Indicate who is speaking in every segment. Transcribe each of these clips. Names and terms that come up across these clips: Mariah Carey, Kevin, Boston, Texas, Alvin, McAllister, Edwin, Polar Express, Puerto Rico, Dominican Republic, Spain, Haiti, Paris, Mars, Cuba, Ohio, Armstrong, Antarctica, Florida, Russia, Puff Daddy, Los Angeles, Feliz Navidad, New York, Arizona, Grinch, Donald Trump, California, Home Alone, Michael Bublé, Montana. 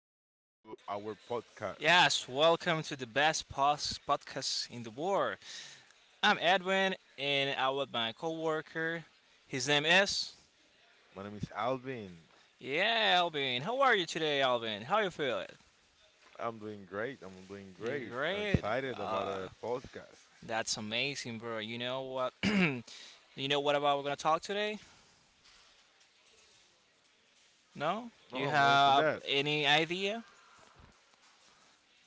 Speaker 1: to our podcast.
Speaker 2: Yes, welcome to the best podcast in the world. I'm Edwin, and I'm with my coworker. His name is.
Speaker 1: My name is Alvin.
Speaker 2: Yeah, Alvin. How are you today, Alvin? How you feeling?
Speaker 1: I'm doing great. I'm doing
Speaker 2: You're
Speaker 1: great. I'm
Speaker 2: great.
Speaker 1: excited about
Speaker 2: Uh,
Speaker 1: a podcast.
Speaker 2: that's amazing, bro. You know what? you know what about we're gonna talk today? No?
Speaker 1: No,
Speaker 2: You
Speaker 1: I'm waiting for
Speaker 2: have
Speaker 1: that.
Speaker 2: any idea?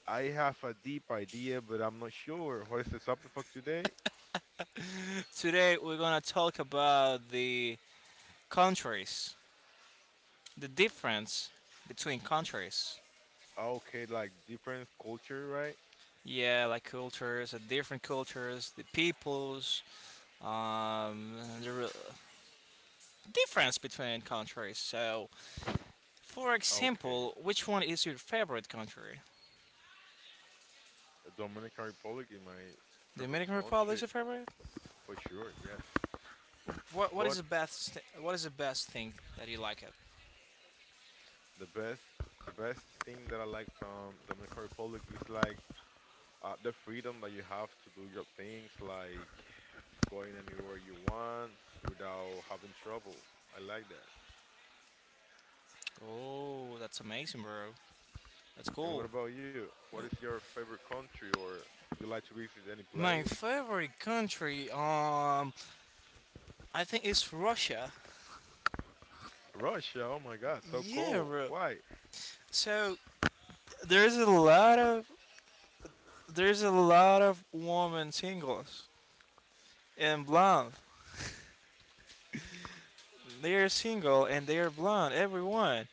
Speaker 1: I have a deep idea, but I'm not sure. What is the topic for today?
Speaker 2: Today we're gonna talk about the countries, the difference between countries.
Speaker 1: Okay, like different culture, right?
Speaker 2: Yeah, like cultures, different cultures, the peoples, um, the re- difference between countries. So, for
Speaker 1: Okay.
Speaker 2: example, which one is your favorite country?
Speaker 1: Dominican Republic is my
Speaker 2: The
Speaker 1: favorite
Speaker 2: Dominican Republic is
Speaker 1: country
Speaker 2: your favorite.
Speaker 1: for sure, yes. But
Speaker 2: What is the best thing that you like it?
Speaker 1: the best the best thing that I like from Dominican Republic is like the freedom that you have to do your things, like going anywhere you want without having trouble. I like that.
Speaker 2: Oh, that's amazing, bro. That's
Speaker 1: And
Speaker 2: cool.
Speaker 1: what about you? What is your favorite country, or you like to visit any
Speaker 2: My
Speaker 1: place?
Speaker 2: favorite country, I think it's Russia.
Speaker 1: Russia. Oh my God, so
Speaker 2: Yeah,
Speaker 1: cool.
Speaker 2: bro.
Speaker 1: Why?
Speaker 2: So there's a lot of there's a lot of women singles. And blonde. They're single and they're blonde, everyone.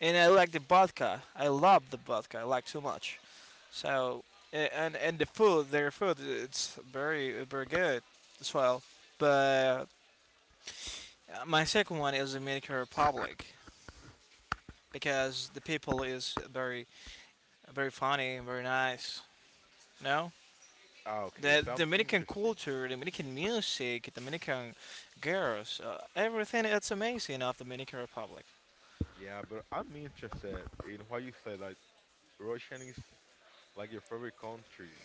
Speaker 2: And I like the vodka. I love the vodka. I like too much. So and the food, their food, it's very good as well. But my second one is Dominican Republic because the people is very funny and very nice. No,
Speaker 1: Ah, okay,
Speaker 2: the
Speaker 1: so I'm
Speaker 2: Dominican
Speaker 1: interesting.
Speaker 2: culture, Dominican music, Dominican girls, everything. It's amazing of Dominican Republic
Speaker 1: Yeah, but I'm interested in why you said that Russian is like your favorite country.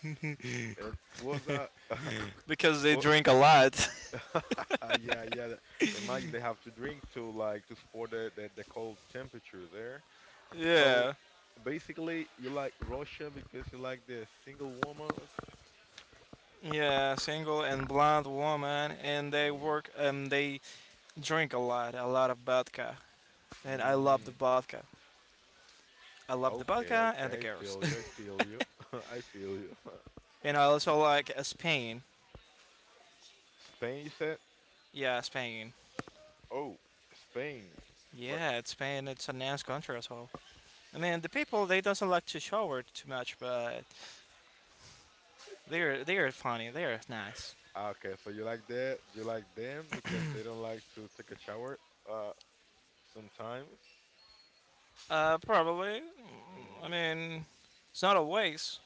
Speaker 1: And was that?
Speaker 2: because they
Speaker 1: wa-
Speaker 2: drink a lot.
Speaker 1: yeah, yeah. And might they have to drink to like to support the cold temperature there. So
Speaker 2: Yeah,
Speaker 1: basically, you like Russia because you like the single woman.
Speaker 2: yeah, single and blonde woman, and they
Speaker 1: Mm,
Speaker 2: work and they drink a lot of vodka, and I love the
Speaker 1: mm,
Speaker 2: vodka. I love the
Speaker 1: okay,
Speaker 2: vodka and the
Speaker 1: okay. I
Speaker 2: girls.
Speaker 1: feel you. I feel you. I feel you.
Speaker 2: And I also like Spain.
Speaker 1: Spain, you said?
Speaker 2: Yeah, Spain.
Speaker 1: Oh, Spain. But
Speaker 2: Yeah, it's Spain. It's a nice country as well. I mean, the people they doesn't like to shower too much, but they're funny. They're nice.
Speaker 1: ah, okay, so you like that? You like them because they don't like to take a shower? Uh, sometimes.
Speaker 2: Probably. I
Speaker 1: Mm,
Speaker 2: mean, it's not always,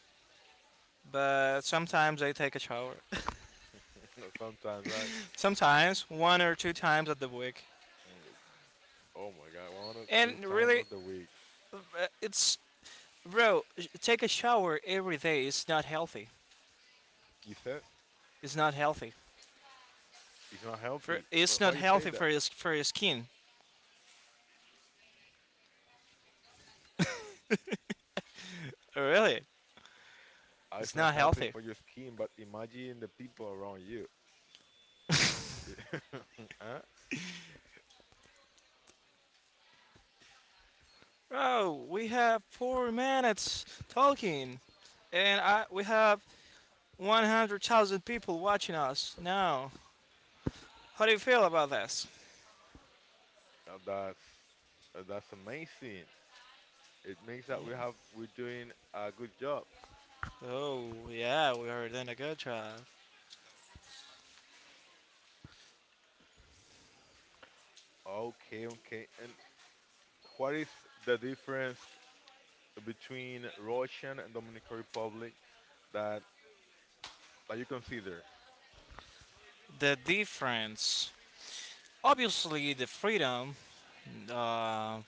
Speaker 2: but sometimes I take a shower.
Speaker 1: sometimes, right?
Speaker 2: Sometimes, one or two times at the week.
Speaker 1: Mm, oh my God, one or two
Speaker 2: And
Speaker 1: time
Speaker 2: really,
Speaker 1: of the week.
Speaker 2: it's bro. Take a shower every day. It's not healthy.
Speaker 1: You said
Speaker 2: It's not healthy.
Speaker 1: it's not
Speaker 2: For
Speaker 1: healthy,
Speaker 2: it's
Speaker 1: but why
Speaker 2: not
Speaker 1: you say
Speaker 2: healthy
Speaker 1: that?
Speaker 2: for your skin. Oh, really,
Speaker 1: Ah, it's
Speaker 2: it's
Speaker 1: not
Speaker 2: not
Speaker 1: healthy
Speaker 2: healthy.
Speaker 1: for your skin, but imagine the people around you. Huh?
Speaker 2: Bro, we have 4 minutes talking, and I we have 100,000 people watching us now. How do you feel about this?
Speaker 1: Now that's that's amazing. It means that
Speaker 2: Yeah.
Speaker 1: we're doing a good job.
Speaker 2: Oh yeah, we are doing a good job.
Speaker 1: Okay, okay. And what is the difference between Russian and Dominican Republic that that you consider
Speaker 2: The difference. Obviously, the freedom, uh,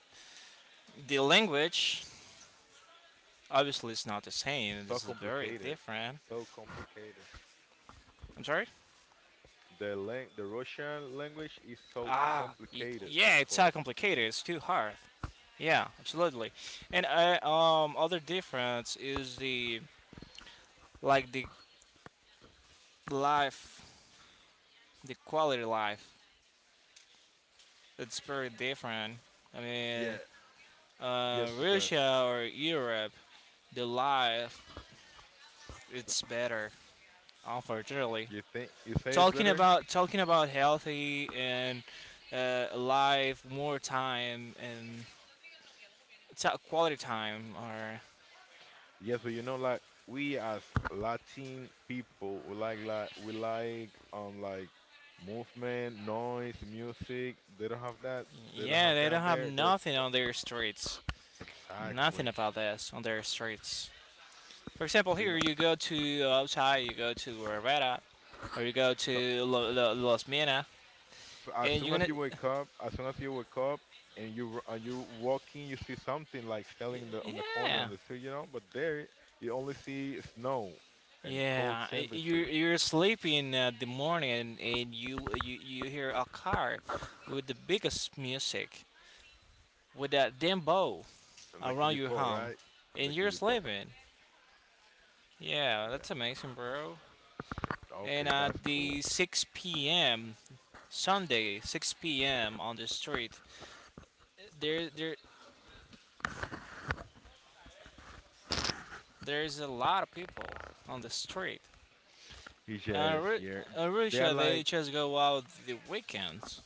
Speaker 2: the language. Obviously, it's not the same.
Speaker 1: so
Speaker 2: This is very
Speaker 1: complicated?
Speaker 2: different.
Speaker 1: So complicated.
Speaker 2: I'm sorry?
Speaker 1: The Russian language is so
Speaker 2: Ah,
Speaker 1: complicated
Speaker 2: yeah, it's
Speaker 1: for
Speaker 2: not complicated. It's too hard. Yeah, absolutely. And other difference is the life, the quality life. It's very different. I
Speaker 1: yeah,
Speaker 2: mean,
Speaker 1: just because
Speaker 2: Russia or Europe, the life it's better. Unfortunately,
Speaker 1: you think you say it's
Speaker 2: talking
Speaker 1: better.
Speaker 2: about talking about healthy and life more time and quality time or
Speaker 1: Yes, but you know, like we as Latin people, we like movement, noise, music. They don't have that. They don't
Speaker 2: yeah
Speaker 1: have
Speaker 2: they don't
Speaker 1: that
Speaker 2: have
Speaker 1: there. There's
Speaker 2: nothing
Speaker 1: oh,
Speaker 2: on their streets, nothing
Speaker 1: exactly.
Speaker 2: about this on their streets. For example,
Speaker 1: So you
Speaker 2: here
Speaker 1: know,
Speaker 2: you go to outside, you go to Rivera or you go
Speaker 1: so
Speaker 2: to Los Mina
Speaker 1: So as
Speaker 2: and
Speaker 1: soon
Speaker 2: you're
Speaker 1: as
Speaker 2: gonna
Speaker 1: you wake up, as soon as you wake up and you walking, you see something like selling in the on the corner
Speaker 2: yeah
Speaker 1: on the street, you know. But there, you only see snow and cold
Speaker 2: yeah
Speaker 1: temperature.
Speaker 2: you're sleeping at the morning and you, you hear a car with the biggest music with that damn bow
Speaker 1: And the
Speaker 2: around
Speaker 1: kiddie
Speaker 2: your
Speaker 1: pool,
Speaker 2: home
Speaker 1: right? The
Speaker 2: and you're
Speaker 1: kiddie pool.
Speaker 2: sleeping. Yeah,
Speaker 1: Yeah.
Speaker 2: that's amazing, bro. And
Speaker 1: Okay, that's
Speaker 2: at
Speaker 1: cool.
Speaker 2: the 6 p.m. Sunday, 6 p.m. on the street, there there there's a lot of people on the street.
Speaker 1: It's
Speaker 2: Uh,
Speaker 1: just
Speaker 2: Ru-
Speaker 1: yeah, they are
Speaker 2: Russia, they
Speaker 1: like
Speaker 2: just go out the weekends.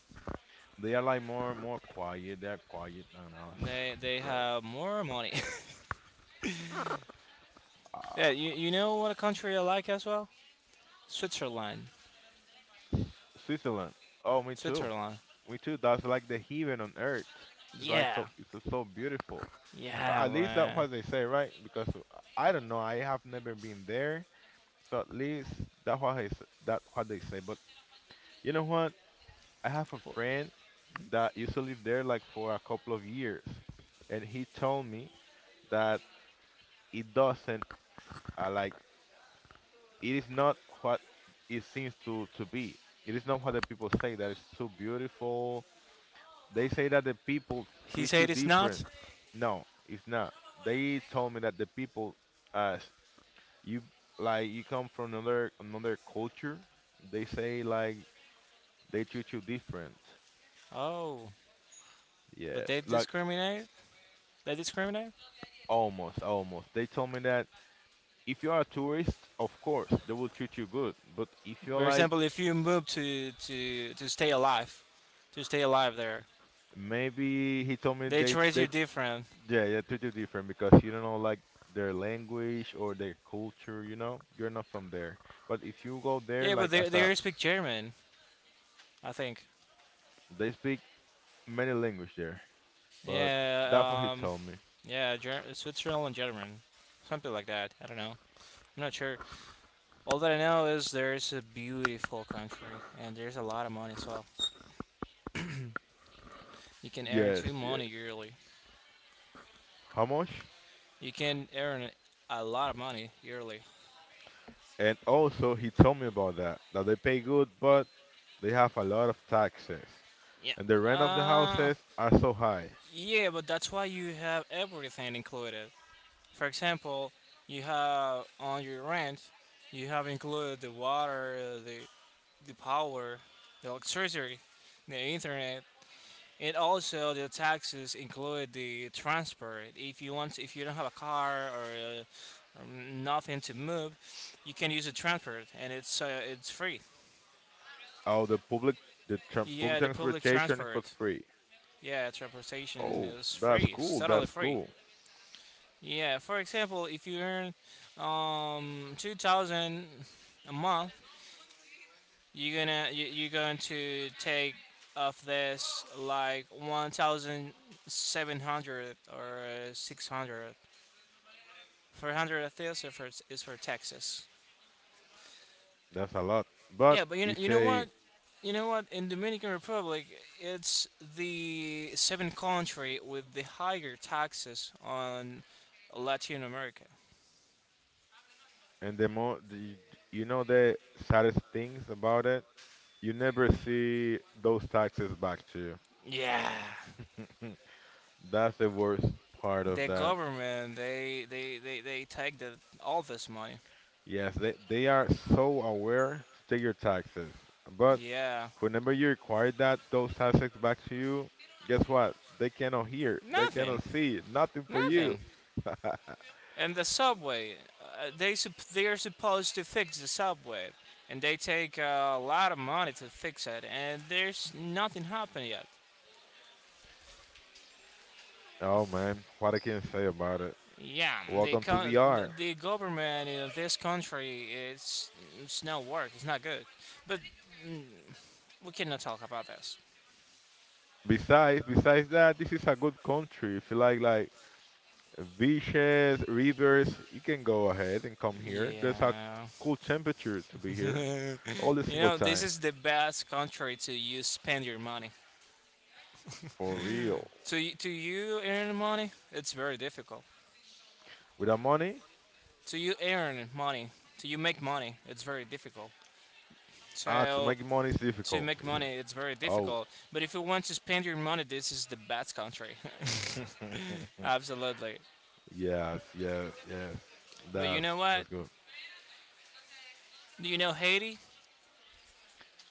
Speaker 1: they are like more quiet. They're quiet than us.
Speaker 2: They
Speaker 1: Yeah.
Speaker 2: have more money. Yeah, you,
Speaker 1: Uh,
Speaker 2: you know what a country I like as well? Switzerland.
Speaker 1: S- Switzerland. Oh, me too.
Speaker 2: Switzerland.
Speaker 1: Me too. That's like the heaven on earth. It's like
Speaker 2: Yeah,
Speaker 1: so. It's so beautiful.
Speaker 2: yeah,
Speaker 1: At least that's
Speaker 2: man.
Speaker 1: what they say, right? Because I don't know, I have never been there, so at least that's what that what they say. But you know what? I have a friend that used to live there like for a couple of years, and he told me that it doesn't like it is not what it seems to be. It is not what the people say that it's so beautiful. They say that the people
Speaker 2: He
Speaker 1: treat you
Speaker 2: said it's
Speaker 1: different.
Speaker 2: not.
Speaker 1: No, it's not. They told me that the people, uh, you, like you come from another culture. They say like they treat you different,
Speaker 2: Oh, but they
Speaker 1: yes, like
Speaker 2: discriminate. They discriminate.
Speaker 1: almost, almost they told me that if you are a tourist, of course they will treat you good, but if you're
Speaker 2: For
Speaker 1: like,
Speaker 2: example, if you move to to stay alive, to stay alive there,
Speaker 1: maybe he told me,
Speaker 2: they
Speaker 1: they
Speaker 2: treat you different.
Speaker 1: yeah, they treat you different because you don't know like their language or their culture, you know, you're not from there. But if you go there
Speaker 2: Yeah, but
Speaker 1: like
Speaker 2: they
Speaker 1: as a,
Speaker 2: they speak German, I think.
Speaker 1: they speak many language there, but that's what he
Speaker 2: Yeah,
Speaker 1: told me.
Speaker 2: yeah, Switzerland German, something like that. I don't know. I'm not sure. All that I know is there's a beautiful country and there's a lot of money as well. You can earn
Speaker 1: Yes,
Speaker 2: two
Speaker 1: yes,
Speaker 2: money yearly.
Speaker 1: how much?
Speaker 2: You can earn a lot of money yearly.
Speaker 1: And also, he told me about that, that they pay good, but they have a lot of taxes.
Speaker 2: Yeah.
Speaker 1: And the rent of the
Speaker 2: Uh,
Speaker 1: houses are so high.
Speaker 2: yeah, but that's why you have everything included. For example, you have on your rent, you have included the water, the power, the electricity, the internet, and also the taxes include the transport. If you want, if you don't have a car or, uh, or nothing to move, you can use the transport, and it's free.
Speaker 1: Oh, the public, the public
Speaker 2: Yeah, the public
Speaker 1: transportation for
Speaker 2: transport.
Speaker 1: free.
Speaker 2: Yeah, transportation
Speaker 1: Oh,
Speaker 2: is
Speaker 1: that's
Speaker 2: free. It's
Speaker 1: cool,
Speaker 2: totally
Speaker 1: that's
Speaker 2: free.
Speaker 1: cool.
Speaker 2: Yeah, for example, if you earn 2000 a month, you're gonna you're going to take of this like 1700 or 600. 400 of this is is for taxes.
Speaker 1: That's a lot. But
Speaker 2: Yeah, but you know,
Speaker 1: if they,
Speaker 2: You know what? In Dominican Republic, it's the seventh country with the higher taxes on Latin America.
Speaker 1: and the more, the, you know the saddest things about it? You never see those taxes back to
Speaker 2: Yeah.
Speaker 1: you. That's the worst part of
Speaker 2: The
Speaker 1: that.
Speaker 2: government, they take the all this money.
Speaker 1: Yes, they are so aware to take your taxes. But
Speaker 2: Yeah,
Speaker 1: whenever you require that those taxes back to you, guess what? They cannot hear, they
Speaker 2: nothing,
Speaker 1: cannot see, nothing for you.
Speaker 2: nothing. And the subway, they are supposed to fix the subway, and they take a lot of money to fix it, and there's nothing happened yet.
Speaker 1: Oh man, what I can say about it.
Speaker 2: Yeah,
Speaker 1: Welcome to the R.
Speaker 2: the government in this country, it's no work, it's not good. But we cannot talk about this.
Speaker 1: Besides, besides that, this is a good country. If you like beaches, rivers, you can go ahead and come here. There's a
Speaker 2: Yeah.
Speaker 1: cool temperature to be here all the
Speaker 2: You
Speaker 1: single
Speaker 2: know, this
Speaker 1: time.
Speaker 2: is the best country to you spend your money.
Speaker 1: For real.
Speaker 2: To you earn money, it's very difficult.
Speaker 1: Without money,
Speaker 2: To you earn money, to you make money, it's very difficult.
Speaker 1: ah, to
Speaker 2: So
Speaker 1: make money is
Speaker 2: to
Speaker 1: difficult,
Speaker 2: make
Speaker 1: is it?
Speaker 2: money, it's very
Speaker 1: Oh.
Speaker 2: difficult. But if you want to spend your money, this is the best country. Absolutely.
Speaker 1: Yes, yes, yes.
Speaker 2: But you
Speaker 1: That's
Speaker 2: know what?
Speaker 1: that's good.
Speaker 2: Do you know Haiti?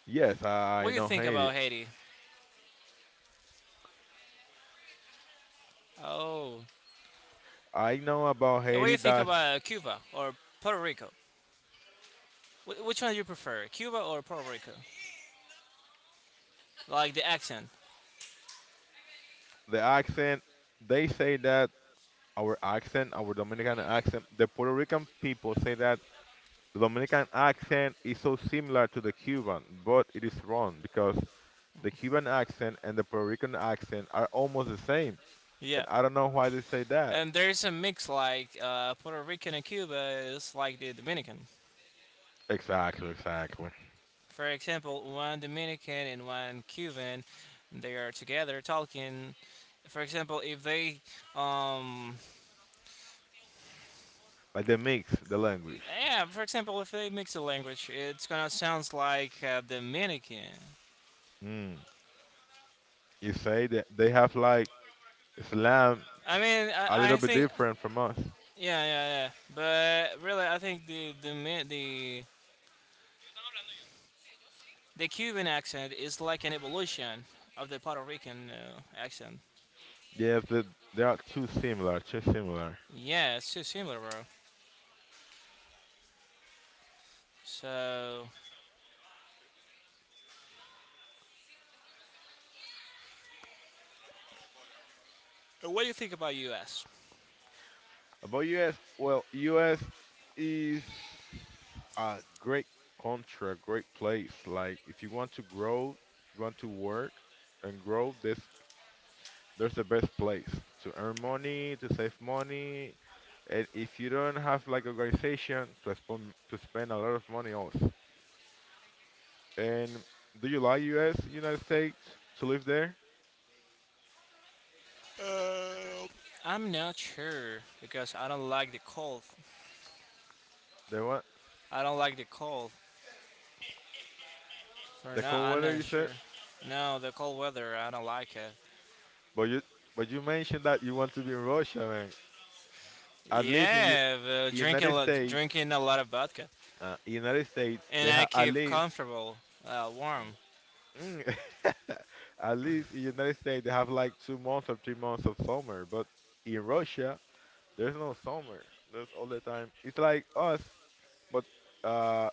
Speaker 1: Yes,
Speaker 2: What
Speaker 1: I
Speaker 2: do you
Speaker 1: know
Speaker 2: think
Speaker 1: Haiti.
Speaker 2: about Haiti? Oh,
Speaker 1: I know about
Speaker 2: and what do
Speaker 1: Haiti.
Speaker 2: you think
Speaker 1: That's
Speaker 2: about Cuba or Puerto Rico? Which one do you prefer, Cuba or Puerto Rico? Like the accent?
Speaker 1: the accent. They say that our accent, our Dominican accent, the Puerto Rican people say that the Dominican accent is so similar to the Cuban, but it is wrong because the Cuban accent and the Puerto Rican accent are almost the same.
Speaker 2: Yeah.
Speaker 1: And I don't know why they say that.
Speaker 2: And there's a mix like Puerto Rican and Cuba is like the Dominican.
Speaker 1: Exactly, exactly.
Speaker 2: For example, one Dominican and one Cuban, they are together talking. For example, if they, um,
Speaker 1: Like they mix the language.
Speaker 2: yeah, for example, if they mix the language, it's gonna sound like Dominican.
Speaker 1: Mm. You say that they have like Islam
Speaker 2: I mean,
Speaker 1: a
Speaker 2: I, I
Speaker 1: little bit
Speaker 2: think,
Speaker 1: different from us.
Speaker 2: yeah, yeah, yeah. But really, I think the the Cuban accent is like an evolution of the Puerto Rican accent.
Speaker 1: Yes, they are too similar, too similar.
Speaker 2: Yeah, it's too similar, bro. So, what do you think about U.S.?
Speaker 1: About US, well, US is a great country, a great place. Like if you want to grow, if you want to work and grow, this there's the best place to earn money, to save money, and if you don't have like organization to spend a lot of money also. And do you like U.S. United States to live there?
Speaker 2: I'm not sure because I don't like the cold.
Speaker 1: The what?
Speaker 2: I don't like the cold. For
Speaker 1: The
Speaker 2: now,
Speaker 1: cold
Speaker 2: I'm
Speaker 1: weather
Speaker 2: not
Speaker 1: you
Speaker 2: sure.
Speaker 1: said?
Speaker 2: No, the cold weather, I don't like it.
Speaker 1: But you but you mentioned that you want to be in Russia, man. At least in U-
Speaker 2: Yeah, but
Speaker 1: United States,
Speaker 2: drinking a lot of vodka,
Speaker 1: United States
Speaker 2: and
Speaker 1: they
Speaker 2: I
Speaker 1: have at
Speaker 2: keep
Speaker 1: least.
Speaker 2: comfortable, warm.
Speaker 1: Mm. At least in United States they have like 2 months or 3 months of summer, but in Russia there's no summer. There's all the time. It's like us, but uh,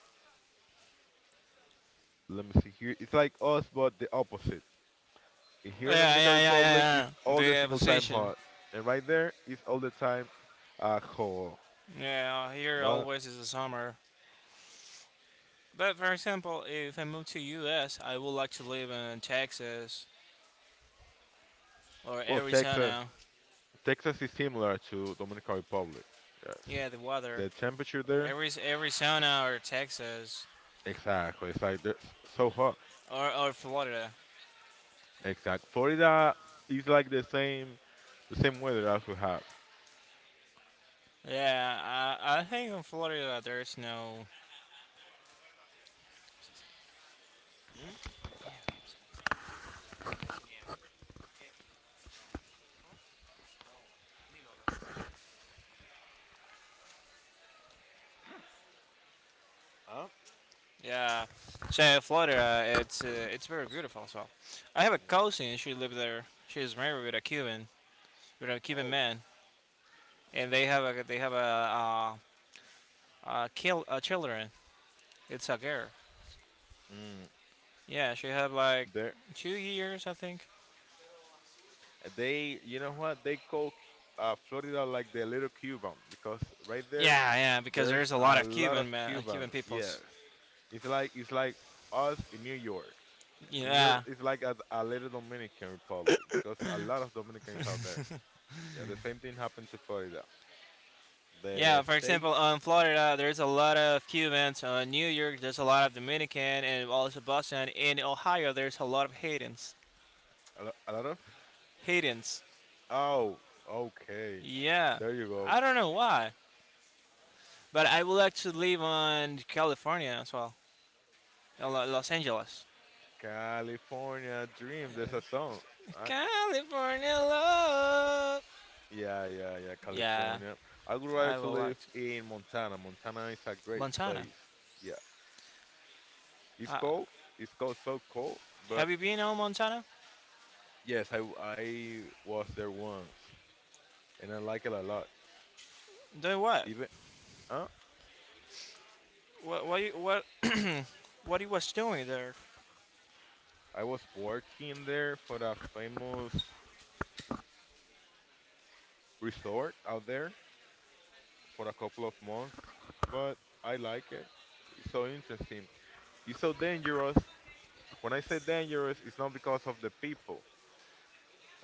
Speaker 1: let me see here. It's like us, but the opposite. Here
Speaker 2: Yeah,
Speaker 1: in Dominican
Speaker 2: yeah, yeah,
Speaker 1: Republic,
Speaker 2: yeah,
Speaker 1: it's
Speaker 2: yeah.
Speaker 1: all the
Speaker 2: The
Speaker 1: single time
Speaker 2: position.
Speaker 1: hot, and right there, it's all the time cold.
Speaker 2: Yeah, here
Speaker 1: But
Speaker 2: always is the summer. But for example, if I move to U.S., I would like to live in Texas or
Speaker 1: well,
Speaker 2: Arizona.
Speaker 1: Texas is similar to Dominican Republic. Yes,
Speaker 2: Yeah, the weather.
Speaker 1: the temperature there,
Speaker 2: Every Arizona or Texas.
Speaker 1: exactly. It's like there's so hot.
Speaker 2: Or Florida.
Speaker 1: Exact. Florida is like the same weather as we have.
Speaker 2: Yeah, I think in Florida there's no.
Speaker 1: Mm? Huh?
Speaker 2: Yeah, so Florida, it's very beautiful as well. I have a cousin. She lives there. She's married with a Cuban
Speaker 1: Oh.
Speaker 2: man, and they have a kill children. It's a girl.
Speaker 1: Mm.
Speaker 2: Yeah, she have like
Speaker 1: There.
Speaker 2: 2 years, I think.
Speaker 1: They, you know what? They call Florida like the little Cuban because right there,
Speaker 2: Yeah, yeah, because
Speaker 1: there's
Speaker 2: there's a lot
Speaker 1: a
Speaker 2: of
Speaker 1: lot of
Speaker 2: Cuban man, Cuban
Speaker 1: Cubans. Yes,
Speaker 2: peoples.
Speaker 1: it's like us in New York. New York
Speaker 2: Yeah,
Speaker 1: is like a little Dominican Republic because a lot of Dominicans out there. Yeah, the same thing happened to Florida.
Speaker 2: yeah,
Speaker 1: The
Speaker 2: for example,
Speaker 1: state,
Speaker 2: on Florida, there's a lot of Cubans. New York, there's a lot of Dominican, and also Boston. In Ohio, there's a lot of Haitians.
Speaker 1: a lot of.
Speaker 2: Haitians.
Speaker 1: Oh, okay.
Speaker 2: Yeah,
Speaker 1: There you go.
Speaker 2: I don't know why, but I would like to live on California as well, Los Angeles.
Speaker 1: California Dream. There's a song.
Speaker 2: California love.
Speaker 1: Yeah, yeah, yeah,
Speaker 2: Yeah,
Speaker 1: California. I would rather
Speaker 2: I
Speaker 1: to
Speaker 2: would
Speaker 1: live
Speaker 2: like to.
Speaker 1: in Montana. Montana is a great
Speaker 2: Montana.
Speaker 1: place. Yeah, it's
Speaker 2: Uh,
Speaker 1: cold. It's cold, so cold. But
Speaker 2: have you been on Montana?
Speaker 1: yes, I was there once, and I like it a lot.
Speaker 2: Doing what?
Speaker 1: Even uh,
Speaker 2: What? What? You, what? What he was doing there?
Speaker 1: I was working there for a famous resort out there for a couple of months, but I like it. It's so interesting. It's so dangerous. When I say dangerous, it's not because of the people.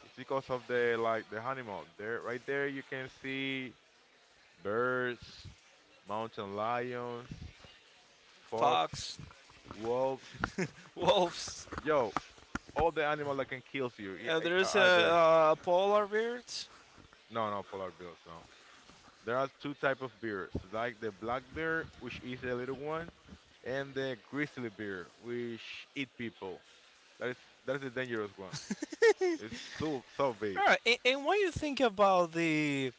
Speaker 1: It's because of the like the animal. There, right there, you can see birds, mountain lions, fox,
Speaker 2: Fox,
Speaker 1: wolves.
Speaker 2: wolves.
Speaker 1: Yo, all the animal that can kill you
Speaker 2: There's a
Speaker 1: are there.
Speaker 2: polar bears.
Speaker 1: No, no, polar bears. No, there are two type of bears, like the black bear, which is a little one, and the grizzly bear, which eat people. That is that is the dangerous one. It's so big.
Speaker 2: Alright, and what you think about the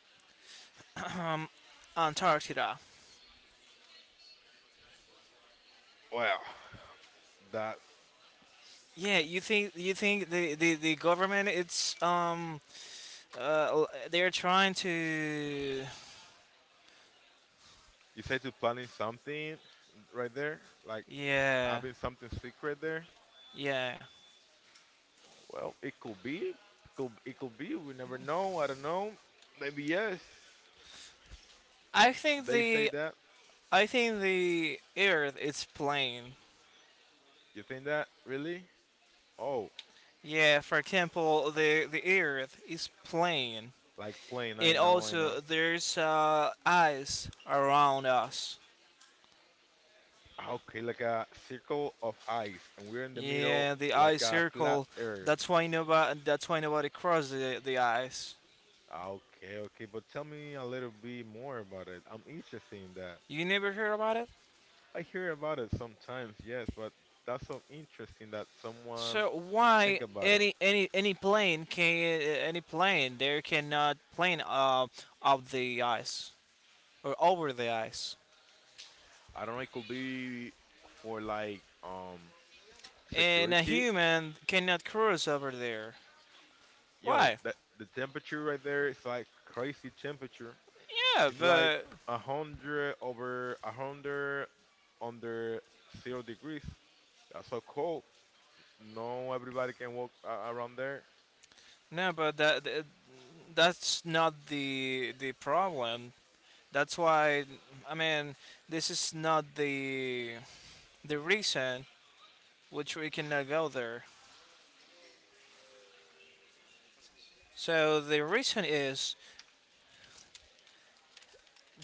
Speaker 2: Antarctica?
Speaker 1: Well, that's,
Speaker 2: Yeah, you think the government it's uh they're trying to
Speaker 1: you said to planning something right there, like
Speaker 2: yeah
Speaker 1: having something secret there.
Speaker 2: yeah
Speaker 1: Well, could it could be. We never know. I don't know. Maybe yes.
Speaker 2: I think
Speaker 1: They say
Speaker 2: the
Speaker 1: that.
Speaker 2: I think the Earth is plain.
Speaker 1: You think that really? Oh,
Speaker 2: Yeah, for example, the Earth is plain,
Speaker 1: like plane. I
Speaker 2: and
Speaker 1: know. I know.
Speaker 2: also there's ice around us.
Speaker 1: Ah, okay, like a circle of ice, and we're in the middle,
Speaker 2: Yeah, the eye
Speaker 1: like a flat
Speaker 2: circle.
Speaker 1: earth.
Speaker 2: That's why nobody. That's why nobody cross the eyes.
Speaker 1: Ah, okay, okay, but tell me a little bit more about it. I'm interested in that.
Speaker 2: You never heard about it.
Speaker 1: I hear about it sometimes, yes, but that's so interesting that someone
Speaker 2: So why
Speaker 1: think about it.
Speaker 2: any plane can any plane there cannot plane up the ice or over the ice,
Speaker 1: I don't know. It could be for like
Speaker 2: and a
Speaker 1: security.
Speaker 2: human cannot cross over there.
Speaker 1: Yo,
Speaker 2: Why?
Speaker 1: that the temperature right there is like crazy temperature.
Speaker 2: Yeah,
Speaker 1: It's like
Speaker 2: but
Speaker 1: 100 degrees under zero. That's so cold. No, everybody can walk a around there.
Speaker 2: no, but that that- that's not the the problem. That's why I mean this is not the the reason which we cannot go there. So the reason is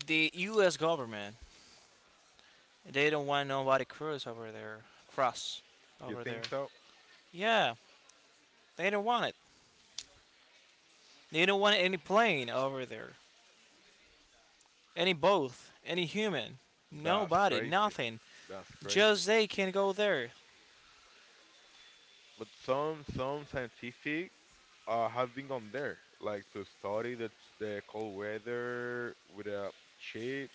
Speaker 2: the U.S. government they don't want nobody cross over there, cross
Speaker 1: You
Speaker 2: over there.
Speaker 1: think so?
Speaker 2: Yeah, they don't want it. They don't want any plane over there, any boat, any human,
Speaker 1: That's
Speaker 2: nobody,
Speaker 1: crazy.
Speaker 2: nothing.
Speaker 1: That's crazy.
Speaker 2: Just they can go there.
Speaker 1: But some scientific have been gone there, like to study the cold weather with a cheap,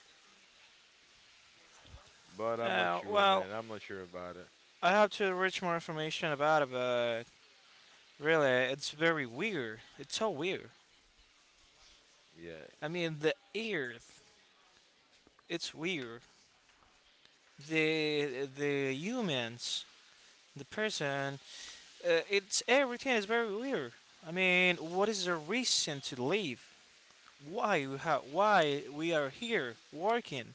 Speaker 1: but I'm not
Speaker 2: Uh,
Speaker 1: sure,
Speaker 2: well,
Speaker 1: man. I'm not sure about it.
Speaker 2: I have to reach more information about it, but really, it's very weird. It's so weird. I
Speaker 1: Yes,
Speaker 2: mean, the Earth, it's weird. The the humans the person. It's everything is very weird. I mean, what is the reason to leave? Why why we are here working,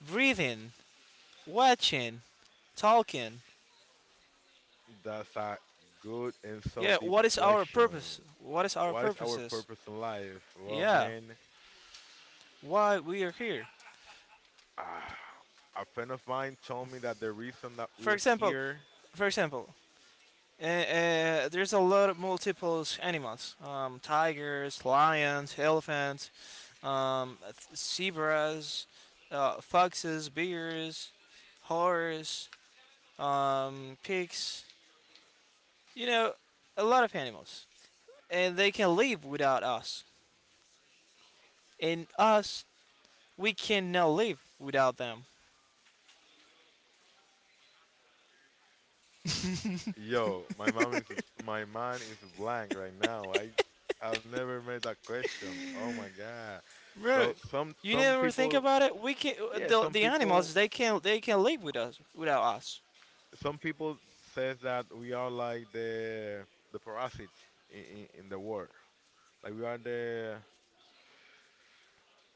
Speaker 2: breathing, watching, talking?
Speaker 1: that's a good and so
Speaker 2: Yeah,
Speaker 1: deep
Speaker 2: what is our
Speaker 1: question.
Speaker 2: purpose? What is our
Speaker 1: What is our
Speaker 2: purposes?
Speaker 1: purpose in life? Well,
Speaker 2: Yeah,
Speaker 1: man,
Speaker 2: why we are here?
Speaker 1: ah, a friend of mine told me that the reason that
Speaker 2: For
Speaker 1: we're
Speaker 2: example,
Speaker 1: here.
Speaker 2: for example, and, there's a lot of multiples animals: tigers, lions, elephants, um, zebras, foxes, bears, horses, pigs. You know, a lot of animals, and they can live without us. And us, we cannot live without them.
Speaker 1: Yo, my mind is blank right now. I've never made that question. Oh my God.
Speaker 2: Right.
Speaker 1: So some
Speaker 2: You
Speaker 1: some
Speaker 2: never think
Speaker 1: people,
Speaker 2: about it. We can
Speaker 1: yeah,
Speaker 2: the,
Speaker 1: some
Speaker 2: the
Speaker 1: people,
Speaker 2: animals they can live with us without us.
Speaker 1: some people says that we are like the parasite in the world. Like we are the,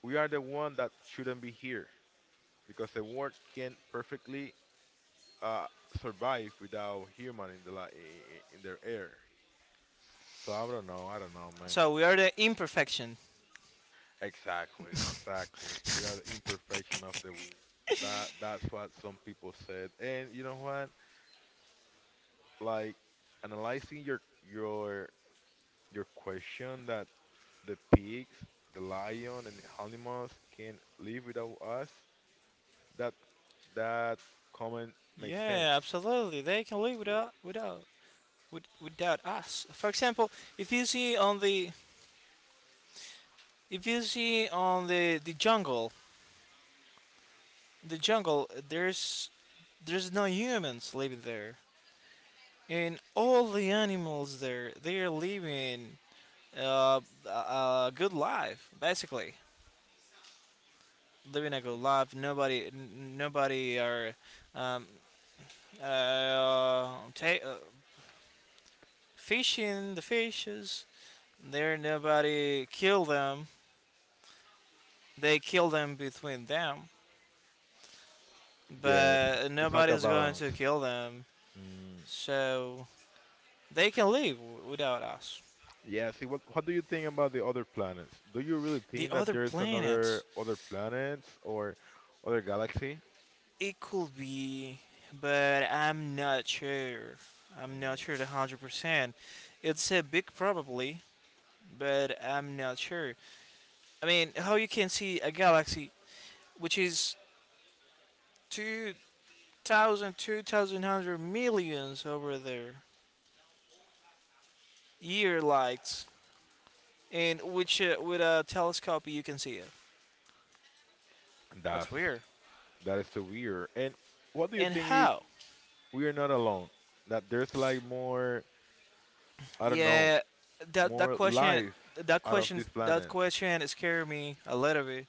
Speaker 1: we are the one that shouldn't be here because the world can perfectly uh survive without human in the in their air. So I don't know, man.
Speaker 2: So we are the imperfection.
Speaker 1: Exactly, exactly. We are the imperfection of the world. That's what some people said. And you know what? Like analyzing your your question that the pigs, the lion, and animals can live without us. That that comment makes sense.
Speaker 2: Yeah, absolutely. They can live without, with, without us. For example, if you see on the if you see on the jungle, the jungle there's no humans living there, and all the animals there they're living uh, a good life. Basically living a good life. Nobody nobody are um, uh, ta- uh, fishing the fishes. There nobody kill them, they kill them between them,
Speaker 1: Yes,
Speaker 2: but
Speaker 1: it's like a
Speaker 2: nobody's going
Speaker 1: balance.
Speaker 2: to kill them,
Speaker 1: Mm.
Speaker 2: so they can live without us.
Speaker 1: Yeah. See, what do you think about the other planets? Do you really
Speaker 2: The
Speaker 1: think that
Speaker 2: other
Speaker 1: there's
Speaker 2: planets,
Speaker 1: another other planets or other galaxy?
Speaker 2: it could be, but I'm not sure. I'm not sure
Speaker 1: Mm.
Speaker 2: 100%. It's a big probably, but I'm not sure. I mean, how you can see a galaxy which is 2,000, 2,100 millions over there, year lights, and which with a telescope you can see it. That's
Speaker 1: That's
Speaker 2: weird.
Speaker 1: that is so weird. And what do you
Speaker 2: And
Speaker 1: think if
Speaker 2: how?
Speaker 1: we are not alone? That there's like more, I don't know,
Speaker 2: Yeah, that that
Speaker 1: more
Speaker 2: question,
Speaker 1: life out of this
Speaker 2: that
Speaker 1: planet.
Speaker 2: question scared me a little bit.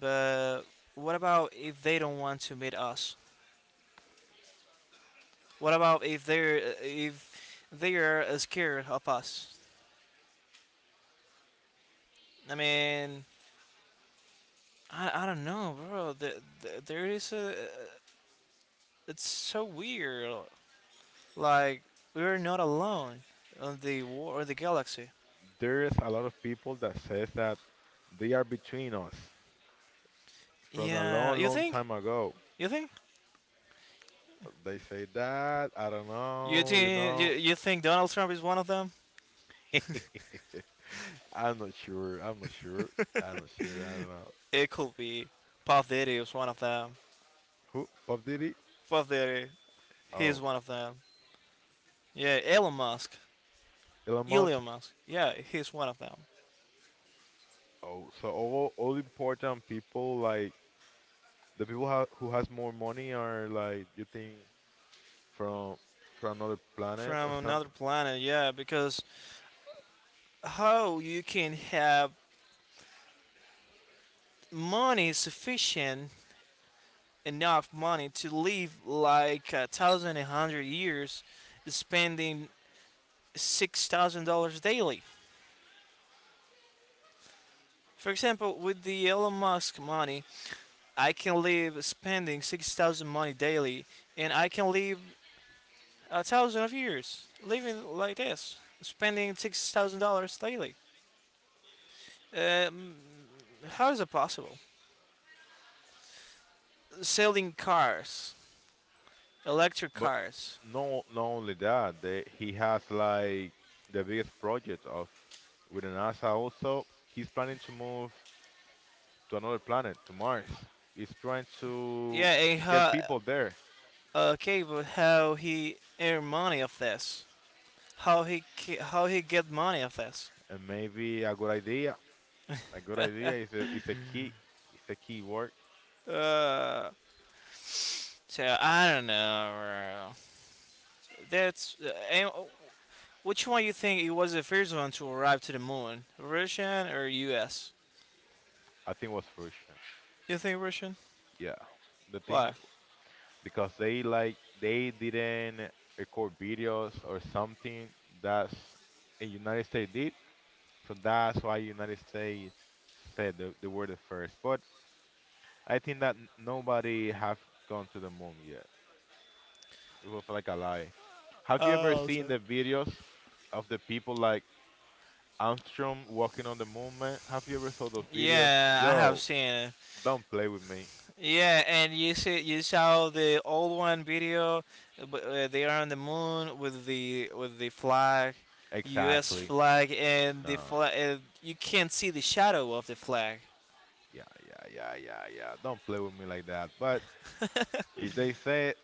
Speaker 2: But what about if they don't want to meet us? What about if they're if they are scared of us? I mean, I don't know, bro. There is a, it's so weird. Like we're not alone on the war or the galaxy.
Speaker 1: There's a lot of people that says that they are between us from a
Speaker 2: Yeah,
Speaker 1: long,
Speaker 2: you
Speaker 1: long
Speaker 2: think?
Speaker 1: time ago.
Speaker 2: You think?
Speaker 1: They say that, I don't know, you know.
Speaker 2: You think Donald Trump is one of them?
Speaker 1: I'm not sure. I'm not sure. I'm not sure. I don't know.
Speaker 2: It could be. Puff Daddy is one of them.
Speaker 1: Who? Bob Diddy?
Speaker 2: Puff Daddy, he's
Speaker 1: Oh,
Speaker 2: one of them. Yeah, Elon Musk,
Speaker 1: Elon Musk.
Speaker 2: Elon Musk. Yeah, he's one of them.
Speaker 1: Oh, so all important people like the people ha who has more money are like you think from another planet
Speaker 2: From
Speaker 1: or
Speaker 2: another
Speaker 1: something.
Speaker 2: planet. Yeah, because how you can have money sufficient, enough money to live like a thousand and hundred years spending $6,000 daily. For example, with the Elon Musk money, I can live spending 6,000 money daily, and I can live a thousand of years living like this, spending $6,000 daily. Um, how is it possible? Selling cars, electric
Speaker 1: But
Speaker 2: cars.
Speaker 1: no, not only that, they, he has like the biggest project of with the NASA also. He's planning to move to another planet, to Mars. He's trying to
Speaker 2: Yeah, and
Speaker 1: get
Speaker 2: how,
Speaker 1: people there,
Speaker 2: okay, but how he earn money of this? How he how he get money of this?
Speaker 1: and maybe a good idea. A good idea is is a key. It's a key word.
Speaker 2: Uh, so I don't know. That's and which one you think it was the first one to arrive to the moon? Russian or U.S.?
Speaker 1: I think it was Russian.
Speaker 2: You think Russian?
Speaker 1: Yeah. The
Speaker 2: Why?
Speaker 1: thing because they like they didn't record videos or something that's in United States did. So that's why United States said the word at first. But I think that nobody have gone to the moon yet. It was like a lie. Have you
Speaker 2: I
Speaker 1: ever seen
Speaker 2: also.
Speaker 1: the videos of the people like Armstrong walking on the moon, man? Have you ever saw those videos?
Speaker 2: Yeah, I have
Speaker 1: Yo,
Speaker 2: seen it.
Speaker 1: don't play with me.
Speaker 2: Yeah, and you saw the old one video. They are on the moon with the flag, U.S.
Speaker 1: Exactly.
Speaker 2: flag, and the
Speaker 1: No.
Speaker 2: flag. You can't see the shadow of the flag.
Speaker 1: Yeah, yeah, yeah, yeah, yeah. Don't play with me like that. But if they say it,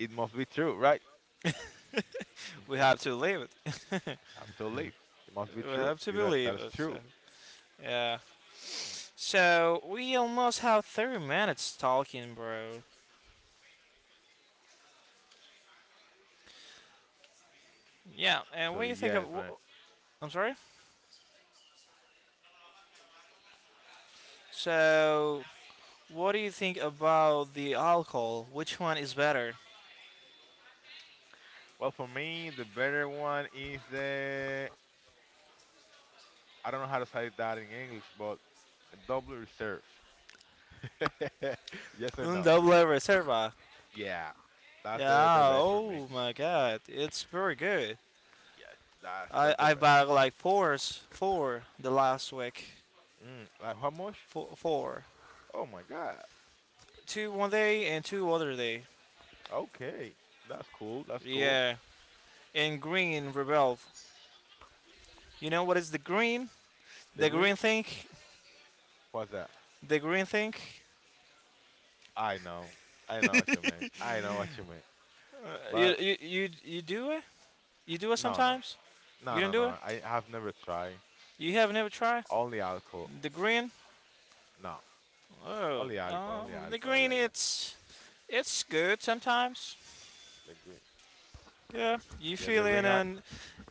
Speaker 1: it must be true, right?
Speaker 2: We
Speaker 1: And
Speaker 2: have to believe it.
Speaker 1: absolutely, it must be
Speaker 2: We
Speaker 1: true.
Speaker 2: have to
Speaker 1: It, that
Speaker 2: believe
Speaker 1: is
Speaker 2: it. So.
Speaker 1: true.
Speaker 2: Yeah. So we almost have 30 minutes talking, bro. Yeah, and what
Speaker 1: So
Speaker 2: do you think of?
Speaker 1: yes, man.
Speaker 2: I'm sorry. So, what do you think about the alcohol? Which one is better?
Speaker 1: Well, for me, the better one is the, I don't know how to say that in English, but double reserve. yes or
Speaker 2: Un
Speaker 1: no?
Speaker 2: doble reserva.
Speaker 1: Yeah, that's the
Speaker 2: Yeah.
Speaker 1: best for me.
Speaker 2: Oh my
Speaker 1: Mm,
Speaker 2: God, it's very good.
Speaker 1: yes, that's
Speaker 2: I
Speaker 1: that's the
Speaker 2: I
Speaker 1: best.
Speaker 2: bought like fours, four the last week.
Speaker 1: Mm, like how much?
Speaker 2: Four, four.
Speaker 1: Oh my God.
Speaker 2: Two one day and two other day.
Speaker 1: Okay, that's cool. That's cool.
Speaker 2: Yeah. And green revolve. You know what is the green?
Speaker 1: The
Speaker 2: The
Speaker 1: green?
Speaker 2: green thing.
Speaker 1: What's that?
Speaker 2: The green thing.
Speaker 1: I know. I know what you mean. I know what you mean.
Speaker 2: You,
Speaker 1: But
Speaker 2: you do it? You do it
Speaker 1: no,
Speaker 2: sometimes? You don't do it?
Speaker 1: no. I have never tried.
Speaker 2: You have never tried
Speaker 1: Only alcohol.
Speaker 2: the green?
Speaker 1: No,
Speaker 2: Oh,
Speaker 1: only alcohol. Only
Speaker 2: the
Speaker 1: alcohol. I
Speaker 2: green.
Speaker 1: like that.
Speaker 2: It's good sometimes.
Speaker 1: The green.
Speaker 2: Yeah, you
Speaker 1: Yes, the
Speaker 2: feel
Speaker 1: green.
Speaker 2: in
Speaker 1: Al-
Speaker 2: and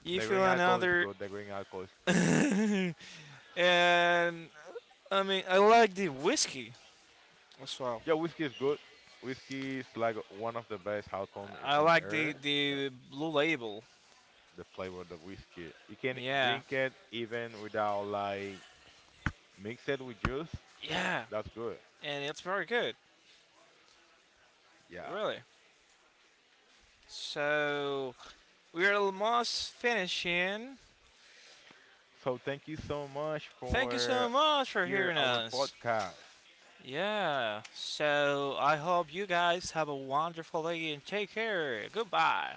Speaker 2: you
Speaker 1: the
Speaker 2: feel
Speaker 1: green alcohol is
Speaker 2: another.
Speaker 1: good. The green alcohol is good.
Speaker 2: And I mean, I like the whiskey as well.
Speaker 1: Yeah, whiskey is good. Whiskey is like one of the best alcohol in,
Speaker 2: I
Speaker 1: on
Speaker 2: like the
Speaker 1: earth. Yeah,
Speaker 2: the blue label.
Speaker 1: the flavor of the whiskey. You can
Speaker 2: Yeah,
Speaker 1: drink it even without like mix it with juice.
Speaker 2: yeah,
Speaker 1: That's good.
Speaker 2: and it's very good,
Speaker 1: Yeah.
Speaker 2: really. So we're almost finishing.
Speaker 1: So thank you so much
Speaker 2: Thank you
Speaker 1: for
Speaker 2: so much for
Speaker 1: hear
Speaker 2: hearing
Speaker 1: our
Speaker 2: us.
Speaker 1: podcast.
Speaker 2: Yeah. So I hope you guys have a wonderful day and take care. Goodbye.